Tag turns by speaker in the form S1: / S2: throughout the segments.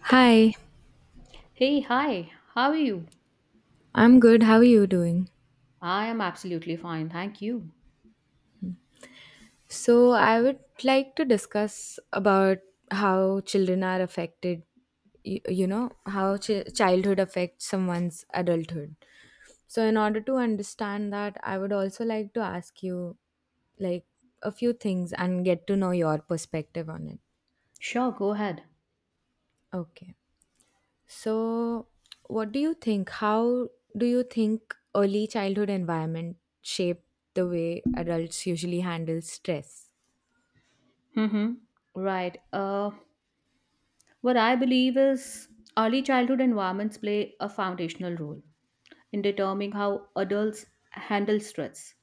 S1: Hi,
S2: Hey, hi, how are you?
S1: I'm good. How are you doing?
S2: I am absolutely fine, thank you.
S1: So, I would like to discuss about how children are affected, how childhood affects someone's adulthood. So, in order to understand that, I would also like to ask you like a few things and get to know your perspective on it.
S2: Sure, go ahead.
S1: Okay. So, what do you think? How do you think early childhood environment shape the way adults usually handle stress?
S2: Mm-hmm. Right. What I believe is early childhood environments play a foundational role in determining how adults handle stress.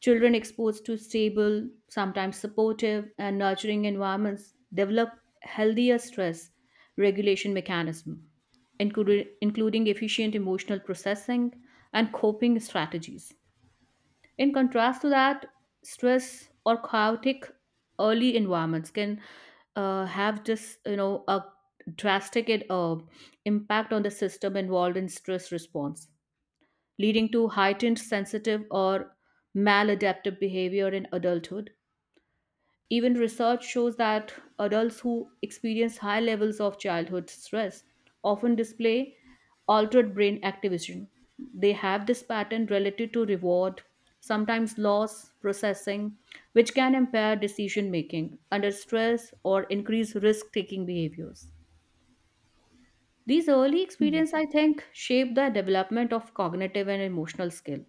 S2: Children exposed to stable, sometimes supportive, and nurturing environments develop healthier stress regulation mechanism, including efficient emotional processing and coping strategies. In contrast to that, stress or chaotic early environments can have just a drastic impact on the system involved in stress response, leading to heightened sensitive or maladaptive behavior in adulthood. Even research shows that adults who experience high levels of childhood stress often display altered brain activation. They have this pattern related to reward, sometimes loss processing, which can impair decision making under stress or increase risk taking behaviors. These early experiences, I think, shape the development of cognitive and emotional skill.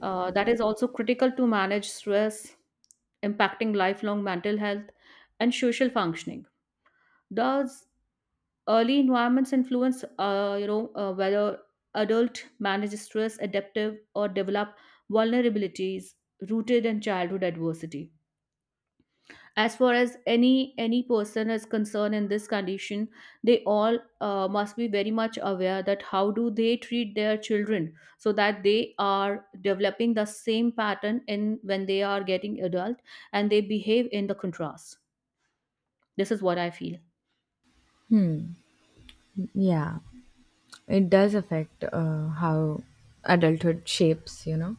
S2: That is also critical to manage stress, impacting lifelong mental health and social functioning. Thus, early environments influence, whether adult manage stress, adaptive, or develop vulnerabilities rooted in childhood adversity. As far as any person is concerned in this condition, they all must be very much aware that how do they treat their children so that they are developing the same pattern in when they are getting adult and they behave in the contrast. This is what I feel.
S1: Hmm. Yeah, it does affect how adulthood shapes.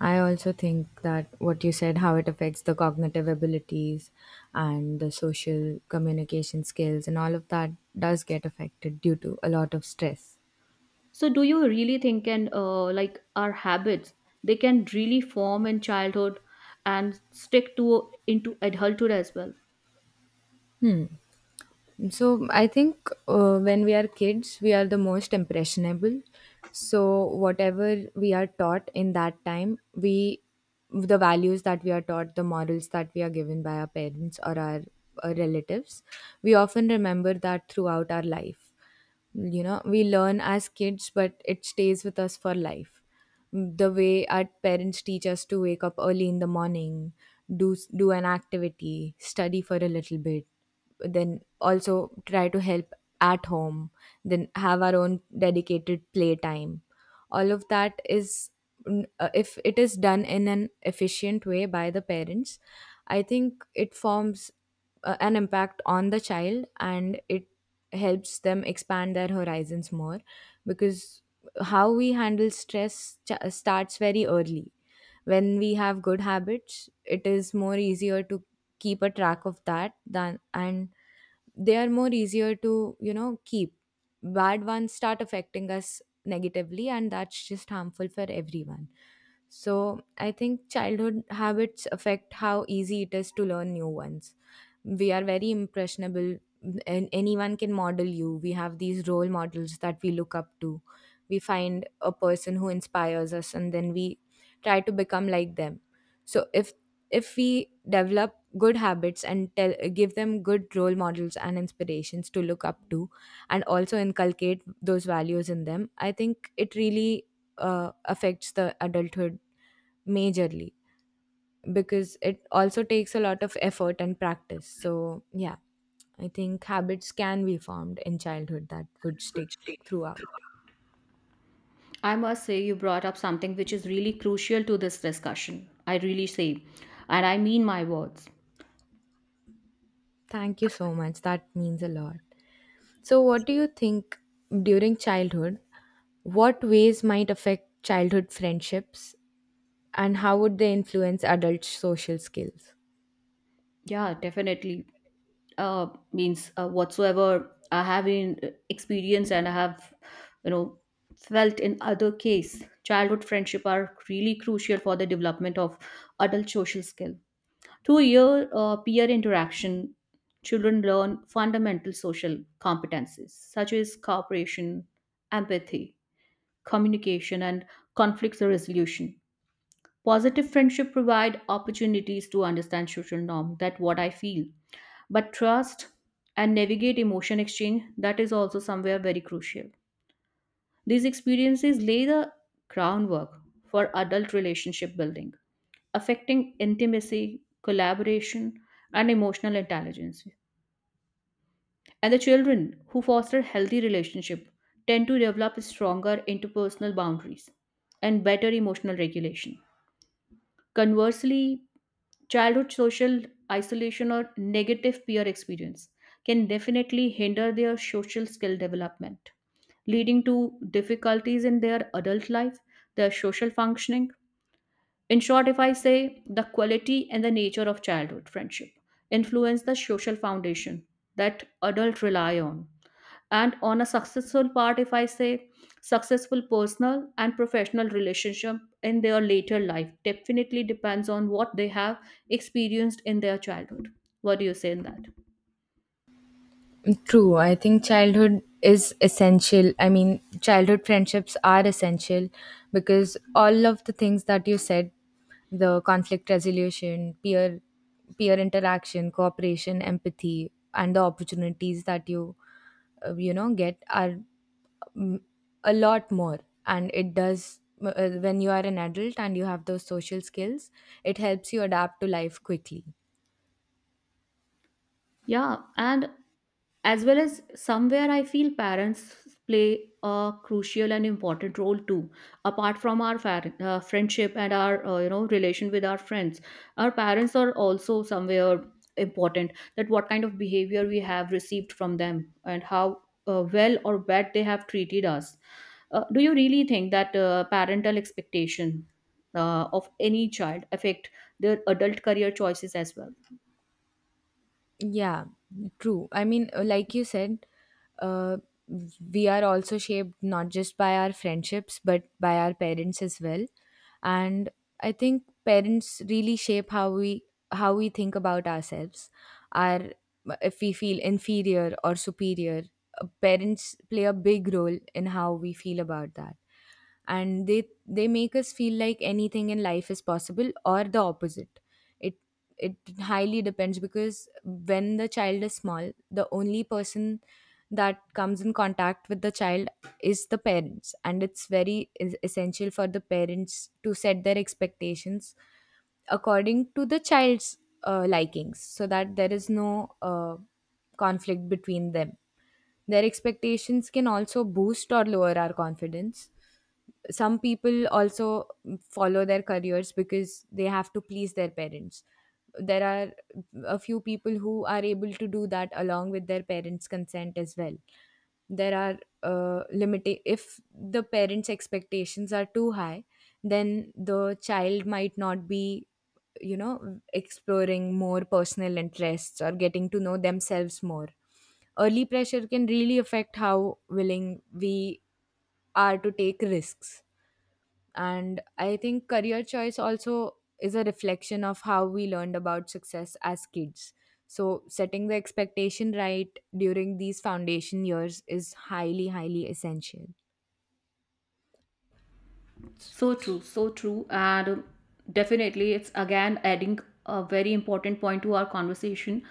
S1: I also think that what you said, how it affects the cognitive abilities and the social communication skills and all of that does get affected due to a lot of stress.
S2: So do you really think and like our habits, they can really form in childhood and stick to into adulthood as well?
S1: So I think when we are kids, we are the most impressionable. So whatever we are taught in that time, we the values that we are taught, the morals that we are given by our parents or our relatives, we often remember that throughout our life. We learn as kids, but it stays with us for life. The way our parents teach us to wake up early in the morning, do an activity, study for a little bit, then also try to help at home, then have our own dedicated playtime, all of that is if it is done in an efficient way by the parents. I think it forms an impact on the child, and it helps them expand their horizons more because how we handle stress starts very early. When we have good habits, it is more easier to keep a track of that than and they are more easier to keep. Bad ones start affecting us negatively, and that's just harmful for everyone. So I think childhood habits affect how easy it is to learn new ones. We are very impressionable, and anyone can model you. We have these role models that we look up to. We find a person who inspires us, and then we try to become like them. So if we develop good habits and tell give them good role models and inspirations to look up to, and also inculcate those values in them, I think it really affects the adulthood majorly because it also takes a lot of effort and practice. So, yeah, I think habits can be formed in childhood that would stick throughout.
S2: I must say you brought up something which is really crucial to this discussion. I really say and I mean my words.
S1: Thank you so much. That means a lot. So, what do you think during childhood? What ways might affect childhood friendships, and how would they influence adult social skills?
S2: Yeah, definitely. Uh, means whatsoever I have in experience and I have, you know, felt in other case, childhood friendship are really crucial for the development of adult social skill. Through year, peer interaction, children learn fundamental social competencies such as cooperation, empathy, communication, and conflict resolution. Positive friendship provide opportunities to understand social norm. That what I feel, but trust and navigate emotion exchange. That is also somewhere very crucial. These experiences lay the groundwork for adult relationship building, affecting intimacy, collaboration, and emotional intelligence. And the children who foster healthy relationship tend to develop stronger interpersonal boundaries and better emotional regulation. Conversely, childhood social isolation or negative peer experience can definitely hinder their social skill development, leading to difficulties in their adult life, their social functioning. In short, if I say, the quality and the nature of childhood friendship influence the social foundation that adults rely on, and on a successful part, if I say, successful personal and professional relationship in their later life definitely depends on what they have experienced in their childhood. What do you say in that?
S1: True. I think childhood is essential. I mean, childhood friendships are essential because all of the things that you said, the conflict resolution, peer interaction, cooperation, empathy, and the opportunities that you you know get are a lot more, and it does when you are an adult and you have those social skills, it helps you adapt to life quickly.
S2: Yeah, and as well as somewhere I feel parents play a crucial and important role too, apart from our friendship and our relation with our friends. Our parents are also somewhere important, that what kind of behavior we have received from them and how well or bad they have treated us. Do you really think that parental expectation of any child affect their adult career choices as well?
S1: Yeah, true. I mean, like you said, uh, we are also shaped not just by our friendships, but by our parents as well. And I think parents really shape how we think about ourselves. Our if we feel inferior or superior, parents play a big role in how we feel about that, and they make us feel like anything in life is possible or the opposite. It it highly depends because when the child is small, the only person that comes in contact with the child is the parents, and it's very essential for the parents to set their expectations according to the child's likings so that there is no conflict between them. Their expectations can also boost or lower our confidence. Some people also follow their careers because they have to please their parents. There are a few people who are able to do that along with their parents consent as well. There are limited, if the parents expectations are too high, then the child might not be exploring more personal interests or getting to know themselves more. Early pressure can really affect how willing we are to take risks, and I think career choice also is a reflection of how we learned about success as kids. So, setting the expectation right during these foundation years is highly, highly essential.
S2: So true, so true. And definitely, it's again adding a very important point to our conversation.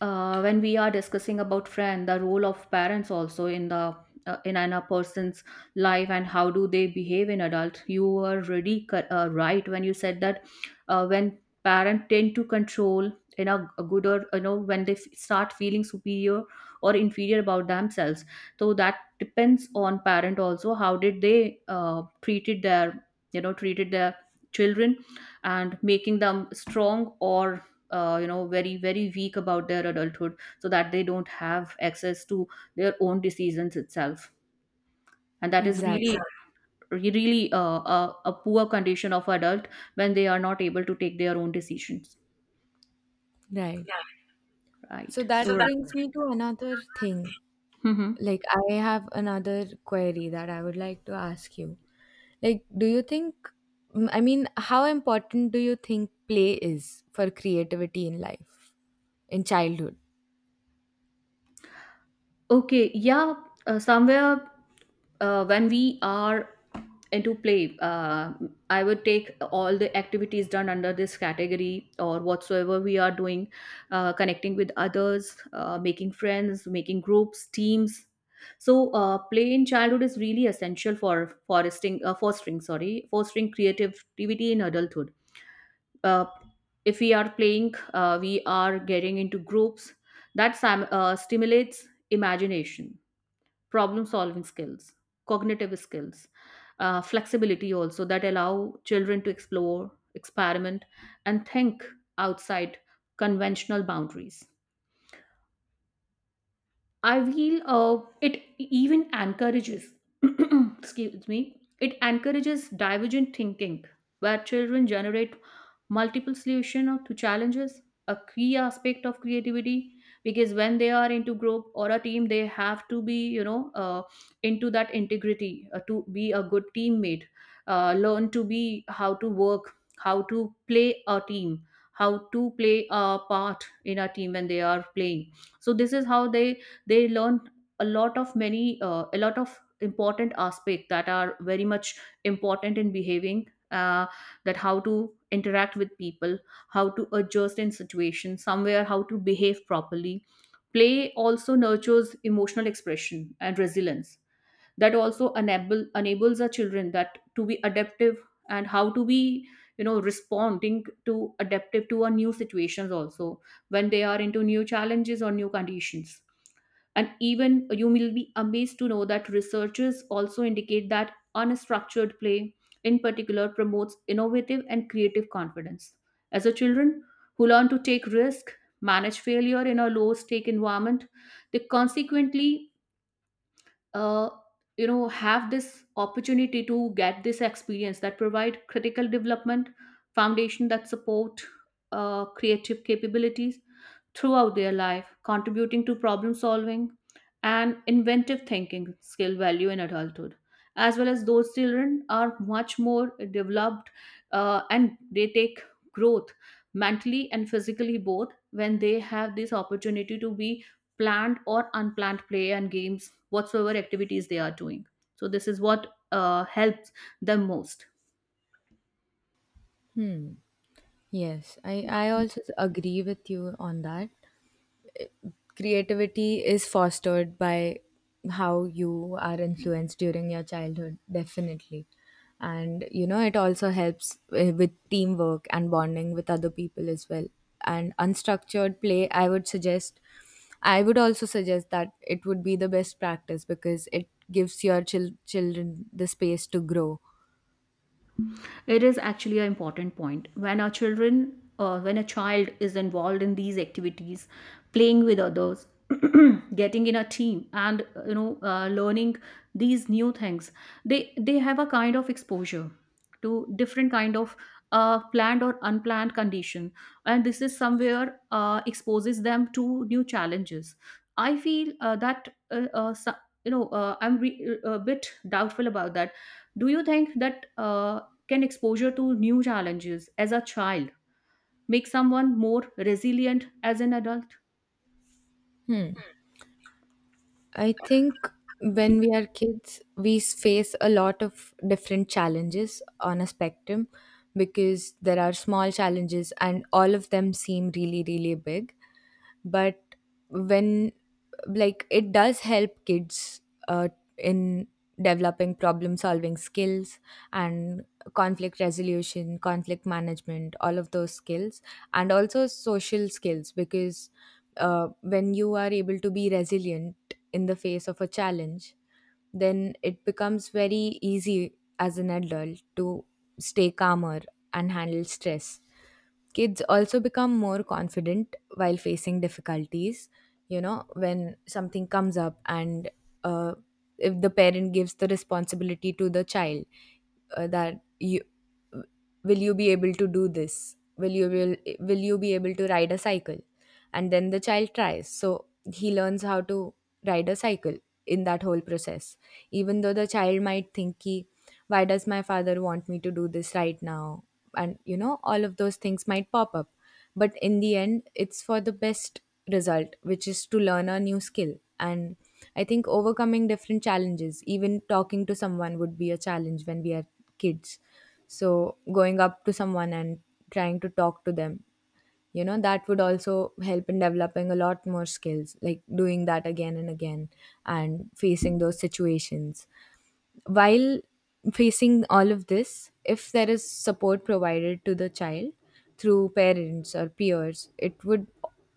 S2: When we are discussing about friend, the role of parents also in the in an- a person's life and how do they behave in adult. You were really right when you said that when parent tend to control in a good or you know when they start feeling superior or inferior about themselves, so that depends on parent also how did they treated their treated their children and making them strong or you know very very weak about their adulthood so that they don't have access to their own decisions itself. And that is really
S1: Exactly.
S2: really a poor condition of adult when they are not able to take their own decisions,
S1: Right. So,
S2: right? So so
S1: that
S2: that
S1: brings me to another thing.
S2: Mhm.
S1: Like, I have another query that I would like to ask you. Like, do you think, I mean, how important do you think play is for creativity in life, in childhood?
S2: Okay, yeah. Somewhere when we are into play, I would take all the activities done under this category or whatsoever we are doing, connecting with others, making friends, making groups, teams. So play in childhood is really essential for fostering fostering sorry fostering creativity in adulthood. Uh, if we are playing, we are getting into groups that stimulates imagination, problem solving skills, cognitive skills, flexibility also, that allow children to explore, experiment, and think outside conventional boundaries. I feel it even encourages, excuse me, it encourages divergent thinking, where children generate multiple solutions to challenges, a key aspect of creativity. Because when they are into group or a team, they have to be, you know, into that integrity to be a good teammate, learn to be how to work, how to play a team, how to play a part in a team when they are playing. So this is how they learn a lot of important aspect that are very much important in behaving, uh, that how to interact with people, how to adjust in situations, somewhere how to behave properly. Play also nurtures emotional expression and resilience, that also enables our children that to be adaptive and how to be, you know, responding to adaptive to our new situations also, when they are into new challenges or new conditions. And even you will be amazed to know that researchers also indicate that unstructured play, in particular, promotes innovative and creative confidence. As a children who learn to take risk, manage failure in a low stake environment, they consequently uh, you know have this opportunity to get this experience that provide critical development foundation that support creative capabilities throughout their life, contributing to problem solving and inventive thinking skill value in adulthood. As well as those children are much more developed and they take growth mentally and physically both when they have this opportunity to be planned or unplanned play and games, whatsoever activities they are doing. So this is what helps them most.
S1: Hmm. Yes, I also agree with you on that. Creativity is fostered by how you are influenced during your childhood, definitely. And, it also helps with teamwork and bonding with other people as well. And unstructured play, I would also suggest that it would be the best practice because it gives your children the space to grow.
S2: It is actually an important point, when our children, when a child is involved in these activities, playing with others, getting in a team and you know learning these new things, they they have a kind of exposure to different kind of planned or unplanned condition, and this is somewhere exposes them to new challenges. I feel you know I'm a bit doubtful about that. Do you think that can exposure to new challenges as a child make someone more resilient as an adult?
S1: Hmm. I think when we are kids, we face a lot of different challenges on a spectrum because there are small challenges and all of them seem really, really big. But when like it does help kids uh, in developing problem solving skills, and conflict resolution, conflict management, all of those skills, and also social skills because when you are able to be resilient in the face of a challenge, then it becomes very easy as an adult to stay calmer and handle stress. Kids also become more confident while facing difficulties, when something comes up, and uh, if the parent gives the responsibility to the child that you will you be able to do this will you be able to ride a cycle, and then the child tries, so he learns how to ride a cycle in that whole process. Even though the child might think, "Ki, why does my father want me to do this right now?" and all of those things might pop up, but in the end it's for the best result, which is to learn a new skill. And I think overcoming different challenges, even talking to someone would be a challenge when we are kids. So going up to someone and trying to talk to them, that would also help in developing a lot more skills, like doing that again and again and facing those situations. While facing all of this, if there is support provided to the child through parents or peers, it would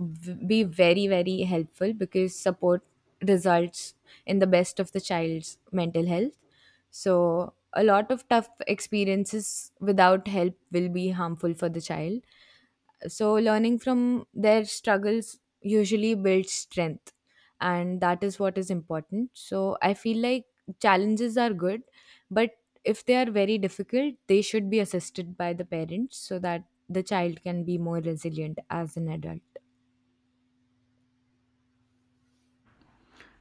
S1: be very, very helpful because support results in the best of the child's mental health. So, a lot of tough experiences without help will be harmful for the child. So, learning from their struggles usually builds strength, and that is what is important. So, I feel like challenges are good, but if they are very difficult, they should be assisted by the parents so that the child can be more resilient as an adult.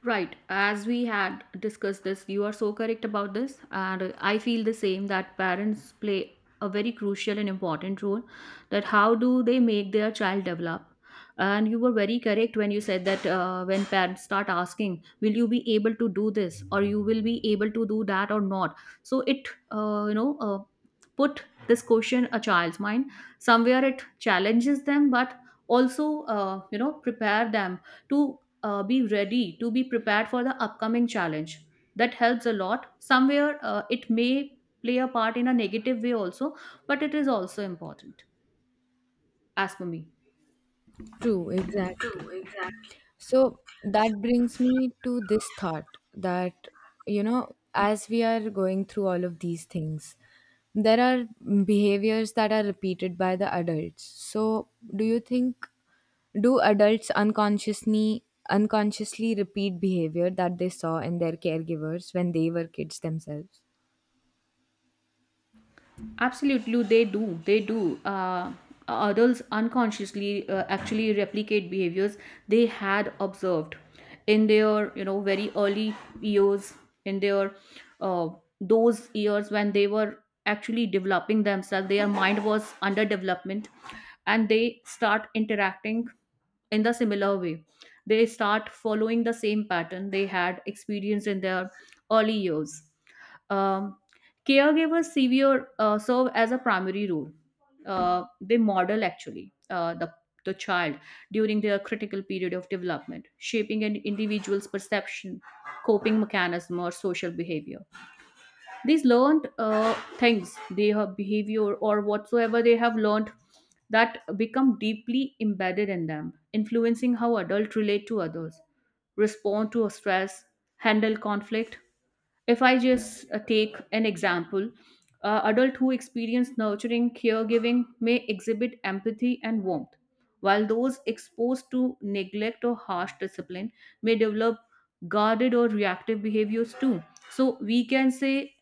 S2: Right, as we had discussed this, you are so correct about this, and I feel the same that parents play a very crucial and important role. That how do they make their child develop? And you were very correct when you said that when parents start asking, "Will you be able to do this, or you will be able to do that, or not?" So it, you know, put this question a child's mind. Somewhere it challenges them, but also, you know, prepare them to be ready to be prepared for the upcoming challenge, that helps a lot. Somewhere it may play a part in a negative way also, but it is also important, as for me.
S1: True, exactly. So that brings me to this thought that, as we are going through all of these things, there are behaviors that are repeated by the adults. So, do you think, do adults unconsciously repeat behavior that they saw in their caregivers when they were kids themselves?
S2: Absolutely, they do. They do. Adults unconsciously actually replicate behaviors they had observed in their, you know, very early years, in their uh, those years when they were actually developing themselves. Their mind was under development, and they start interacting in the similar way. They start following the same pattern they had experienced in their early years. Um, caregivers severe uh, serve as a primary role. They model actually the child during their critical period of development, shaping an individual's perception, coping mechanism, or social behavior. These learned things they have, behavior or whatsoever they have learned, that become deeply embedded in them, influencing how adults relate to others, respond to stress, handle conflict. If I just take an example, adult who experience nurturing caregiving may exhibit empathy and warmth, while those exposed to neglect or harsh discipline may develop guarded or reactive behaviors too. So we can say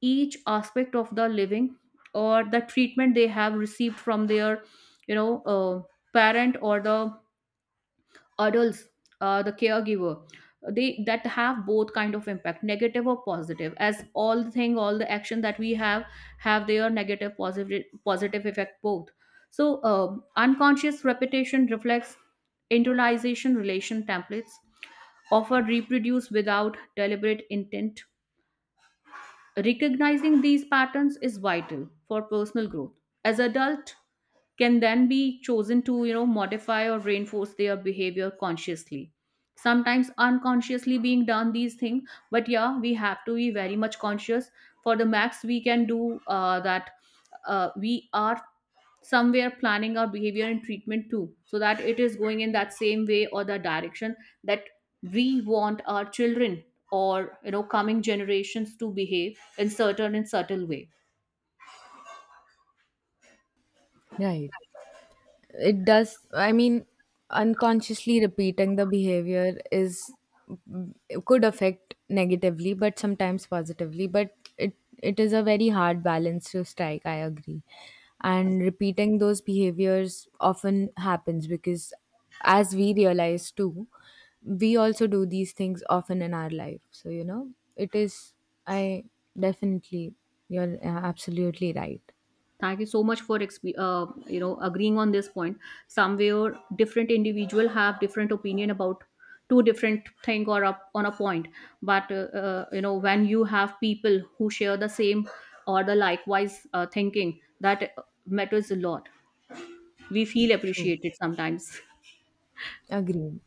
S2: each aspect of the living or the treatment they have received from their you know uh, parent or the adults, the caregiver, they that have both kind of impact, negative or positive, as all the thing, all the action that we have their negative, positive, positive effect both. So unconscious repetition reflects internalization relation templates, often reproduce without deliberate intent. Recognizing these patterns is vital for personal growth as adult, can then be chosen to modify or reinforce their behavior consciously. Sometimes unconsciously being done these things, but yeah, we have to be very much conscious for the max we can do, that we are somewhere planning our behavior and treatment too, so that it is going in that same way or the direction that we want our children or, you know, coming generations to behave in certain and subtle way.
S1: Right. It does. I mean, unconsciously repeating the behavior is it could affect negatively but sometimes positively. But it is a very hard balance to strike, I agree. And repeating those behaviors often happens because, as we realize too, we also do these things often in our life. So it is I definitely you're absolutely right.
S2: Thank you so much for agreeing on this point. Somewhere different individual have different opinion about two different thing or up on a point. But you know, when you have people who share the same or the likewise thinking, that matters a lot. We feel
S1: True.
S2: appreciated sometimes.
S1: Agreed.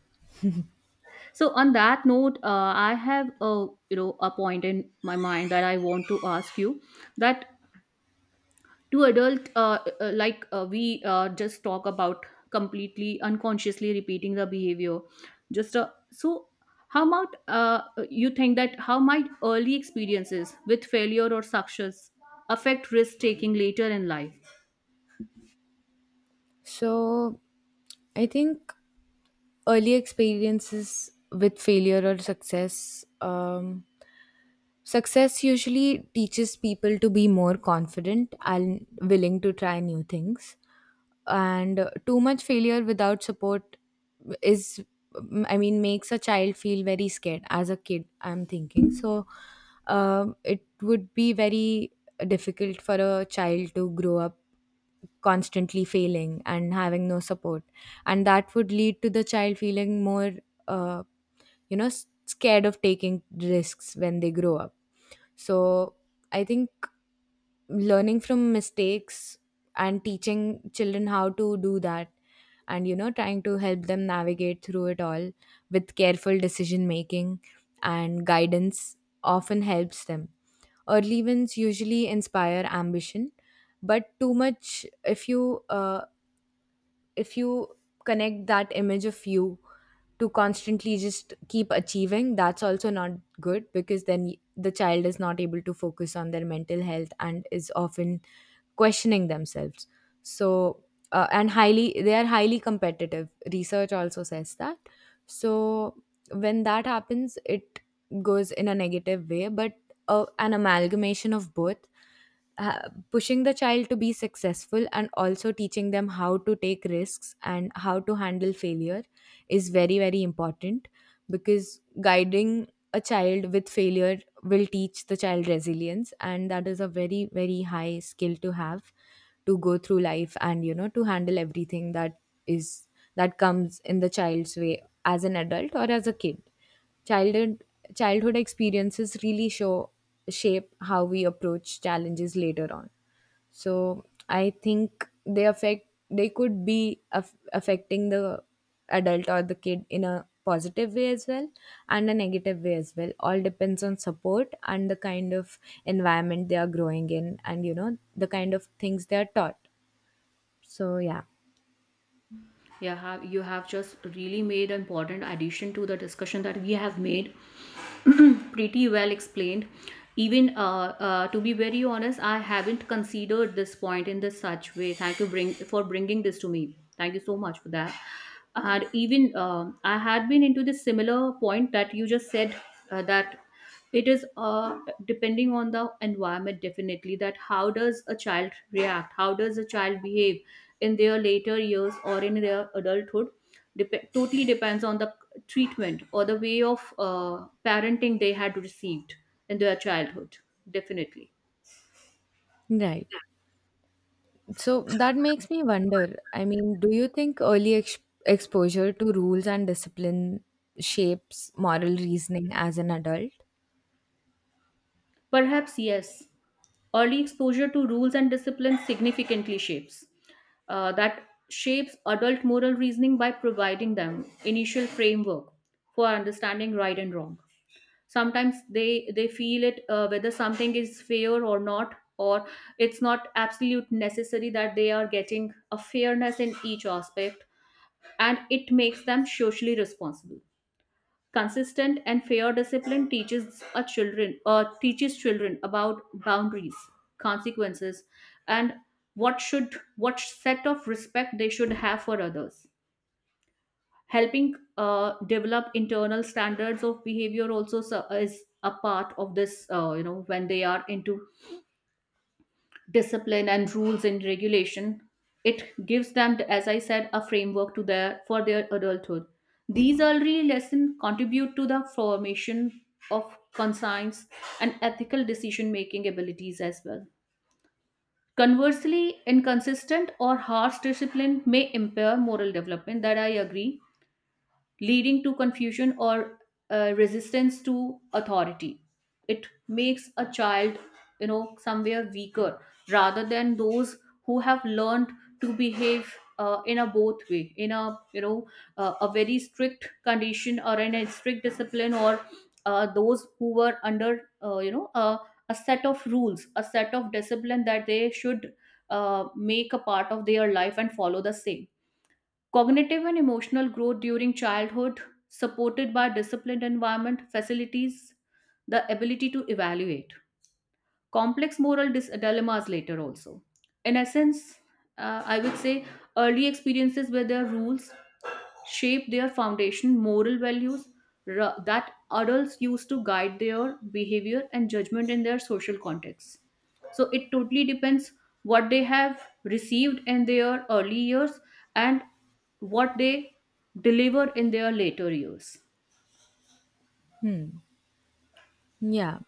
S2: So on that note, I have a, you know, a point in my mind that I want to ask you, that to adult, like, we just talk about completely unconsciously repeating the behavior, just so how about, you think that how might early experiences with failure or success affect risk taking later in life?
S1: So I think early experiences with failure or success, success usually teaches people to be more confident and willing to try new things. And too much failure without support is, I mean, makes a child feel very scared. As a kid, I'm thinking. So it would be very difficult for a child to grow up constantly failing and having no support. And that would lead to the child feeling more, uh, scared of taking risks when they grow up. So I think learning from mistakes and teaching children how to do that and trying to help them navigate through it all with careful decision making and guidance often helps them. Early wins usually inspire ambition, but too much, if you connect that image of you to constantly just keep achieving, that's also not good because then the child is not able to focus on their mental health and is often questioning themselves. So and highly they are highly competitive, research also says that. So when that happens, it goes in a negative way. But an amalgamation of both, ha- pushing the child to be successful and also teaching them how to take risks and how to handle failure, is very very important because guiding a child with failure will teach the child resilience, and that is a very very high skill to have to go through life, and to handle everything is that comes in the child's way as an adult or as a kid. Childhood childhood experiences really show shape how we approach challenges later on. So I think they could be affecting the adult or the kid in a positive way as well and a negative way as well. All depends on support and the kind of environment they are growing in, and the kind of things they are taught. So, yeah.
S2: You have just really made an important addition to the discussion that we have made. Pretty well explained. Even, to be very honest, I haven't considered this point in this such way. Thank you bring for bringing this to me. Thank you so much for that. And even I had been into this similar point that you just said, that it is, depending on the environment definitely, that how does a child react, how does a child behave in their later years or in their adulthood. Totally depends on the treatment or the way of parenting they had received in their childhood, definitely.
S1: Right. So that makes me wonder. I mean, do you think early ex exposure to rules and discipline shapes moral reasoning as an adult?
S2: Perhaps yes. Early exposure to rules and discipline significantly shapes, that shapes adult moral reasoning by providing them initial framework for understanding right and wrong. Sometimes they feel it, whether something is fair or not, or it's not absolute necessary that they are getting a fairness in each aspect. And it makes them socially responsible. Consistent and fair discipline teaches a children, teaches children about boundaries, consequences, and what should, what set of respect they should have for others. Helping develop internal standards of behavior also is a part of this, you know, when they are into discipline and rules and regulation, it gives them, as I said, a framework to their, for their adulthood. These early lessons contribute to the formation of conscience and ethical decision making abilities as well. Conversely, inconsistent or harsh discipline may impair moral development, that I agree, leading to confusion or, resistance to authority. It makes a child, you know, somewhere weaker rather than those who have learned to behave, in a both way, in a, you know, a very strict condition or in a strict discipline, or those who were under, you know, a set of rules, a set of discipline that they should, make a part of their life and follow the same. Cognitive and emotional growth during childhood, supported by disciplined environment, facilities the ability to evaluate complex dilemmas later also. In essence, I would say early experiences with their rules shape their foundation moral values that adults use to guide their behavior and judgment in their social contexts. So it totally depends what they have received in their early years and what they deliver in their later years.
S1: Yeah.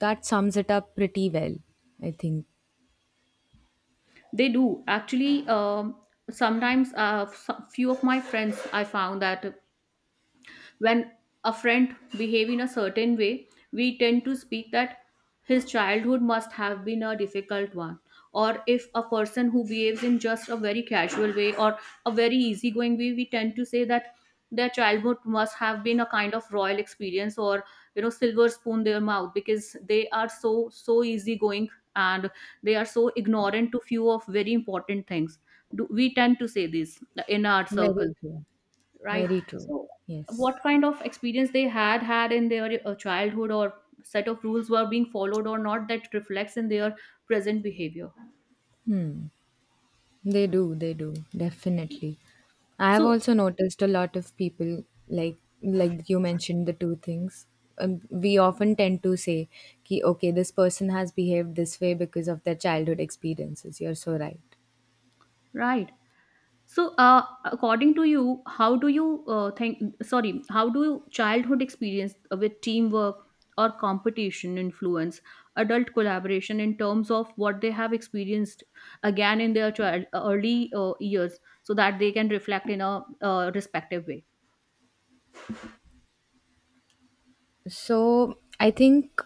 S1: That sums it up pretty well, I think.
S2: They do actually. Sometimes, some, few of my friends I found that when a friend behave in a certain way, we tend to speak that his childhood must have been a difficult one. Or if a person who behaves in just a very casual way or a very easygoing way, we tend to say that their childhood must have been a kind of royal experience, or you know, silver spoon their mouth, because they are so so easygoing and they are so ignorant to few of very important things. Do, we tend to say this in our circle,
S1: Very true.
S2: right?
S1: Very true. Yes.
S2: What kind of experience they had had in their childhood, or set of rules were being followed or not, that reflects in their present behavior.
S1: They do, definitely. I have
S2: So
S1: also noticed a lot of people, like like you mentioned the two things. We often tend to say, ki, okay, this person has behaved this way because of their childhood experiences. You're so right.
S2: right. So according to you, how do you think, sorry, how do childhood experience with teamwork or competition influence adult collaboration, in terms of what they have experienced again in their child early years, so that they can reflect in a respective way?
S1: So I think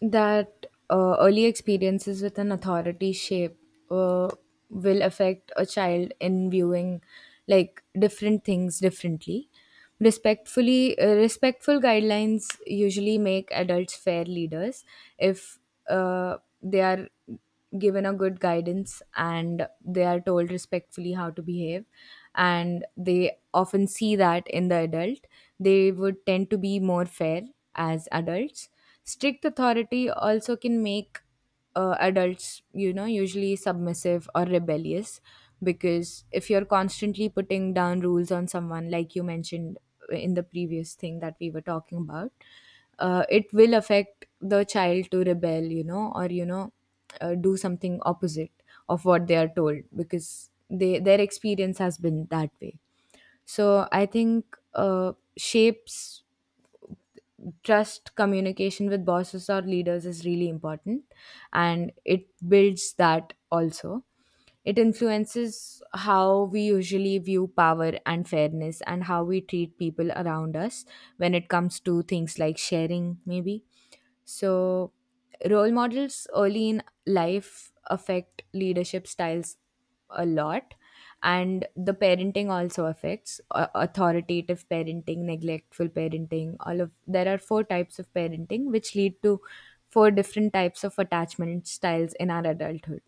S1: that early experiences with an authority shape uh, will affect a child in viewing like different things differently. Respectful guidelines usually make adults fair leaders if they are given a good guidance and they are told respectfully how to behave, and they often see that in the adult. They would tend to be more fair as adults. Strict authority also can make adults, usually submissive or rebellious because if you're constantly putting down rules on someone, like you mentioned in the previous thing that we were talking about, it will affect the child to rebel, or, do something opposite of what they are told because their experience has been that way. So I think shapes trust communication with bosses or leaders is really important, and it builds that also. It influences how we usually view power and fairness and how we treat people around us when it comes to things like sharing maybe. So, role models early in life affect leadership styles a lot, and the parenting also affects authoritative parenting, neglectful parenting. All of there are 4 types of parenting which lead to 4 different types of attachment styles in our adulthood.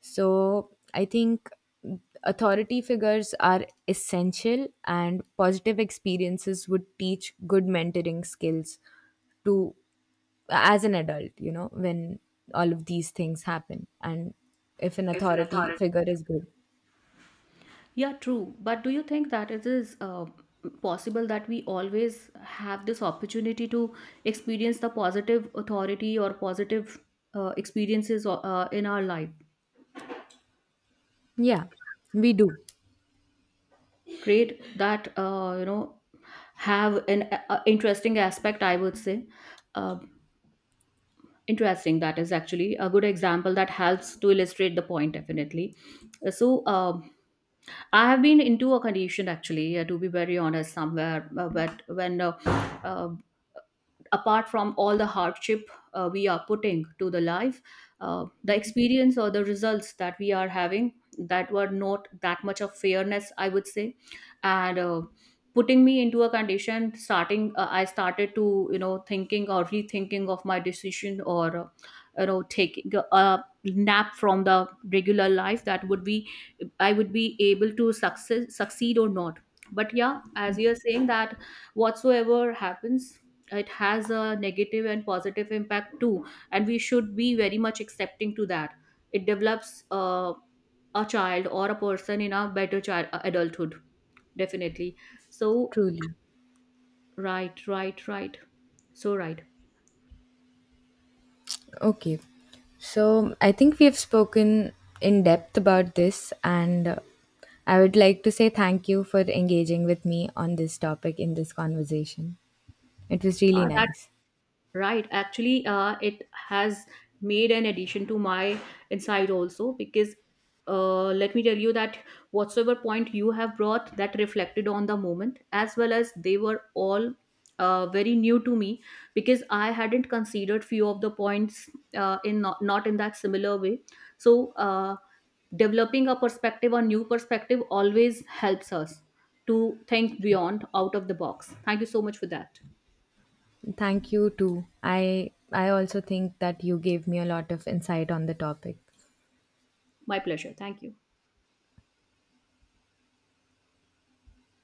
S1: So, I think authority figures are essential, and positive experiences would teach good mentoring skills to as an adult, when all of these things happen and if an authority figure is good.
S2: Yeah, true. But do you think that it is possible that we always have this opportunity to experience the positive authority or positive experiences in our life?
S1: Yeah, we do,
S2: Great, that, you know, have an interesting aspect, I would say, uh, interesting. That is actually a good example that helps to illustrate the point. Definitely. So I have been into a condition actually, to be very honest, somewhere, but when. Uh, apart from all the hardship, we are putting to the life, the experience or the results that we are having, that were not that much of fairness, I would say. And putting me into a condition, starting I started to, you know, thinking or rethinking of my decision, or you know, taking a nap from the regular life, that would be, I would be able to success succeed or not. But yeah, as you're saying that whatsoever happens, it has a negative and positive impact too, and we should be very much accepting to that. It develops a child or a person in a better child adulthood, definitely. So
S1: truly.
S2: right, right, right, so right.
S1: Okay. So I think we have spoken in depth about this, and I would like to say thank you for engaging with me on this topic in this conversation. It was really
S2: That
S1: nice.
S2: Right. Actually, it has made an addition to my insight also, because let me tell you that whatsoever point you have brought, that reflected on the moment as well, as they were all very new to me, because I hadn't considered few of the points, in not, not in that similar way. So developing a perspective or new perspective always helps us to think beyond out of the box. Thank you so much for that.
S1: Thank you too. I also think that you gave me a lot of insight on the topic.
S2: My pleasure. Thank you.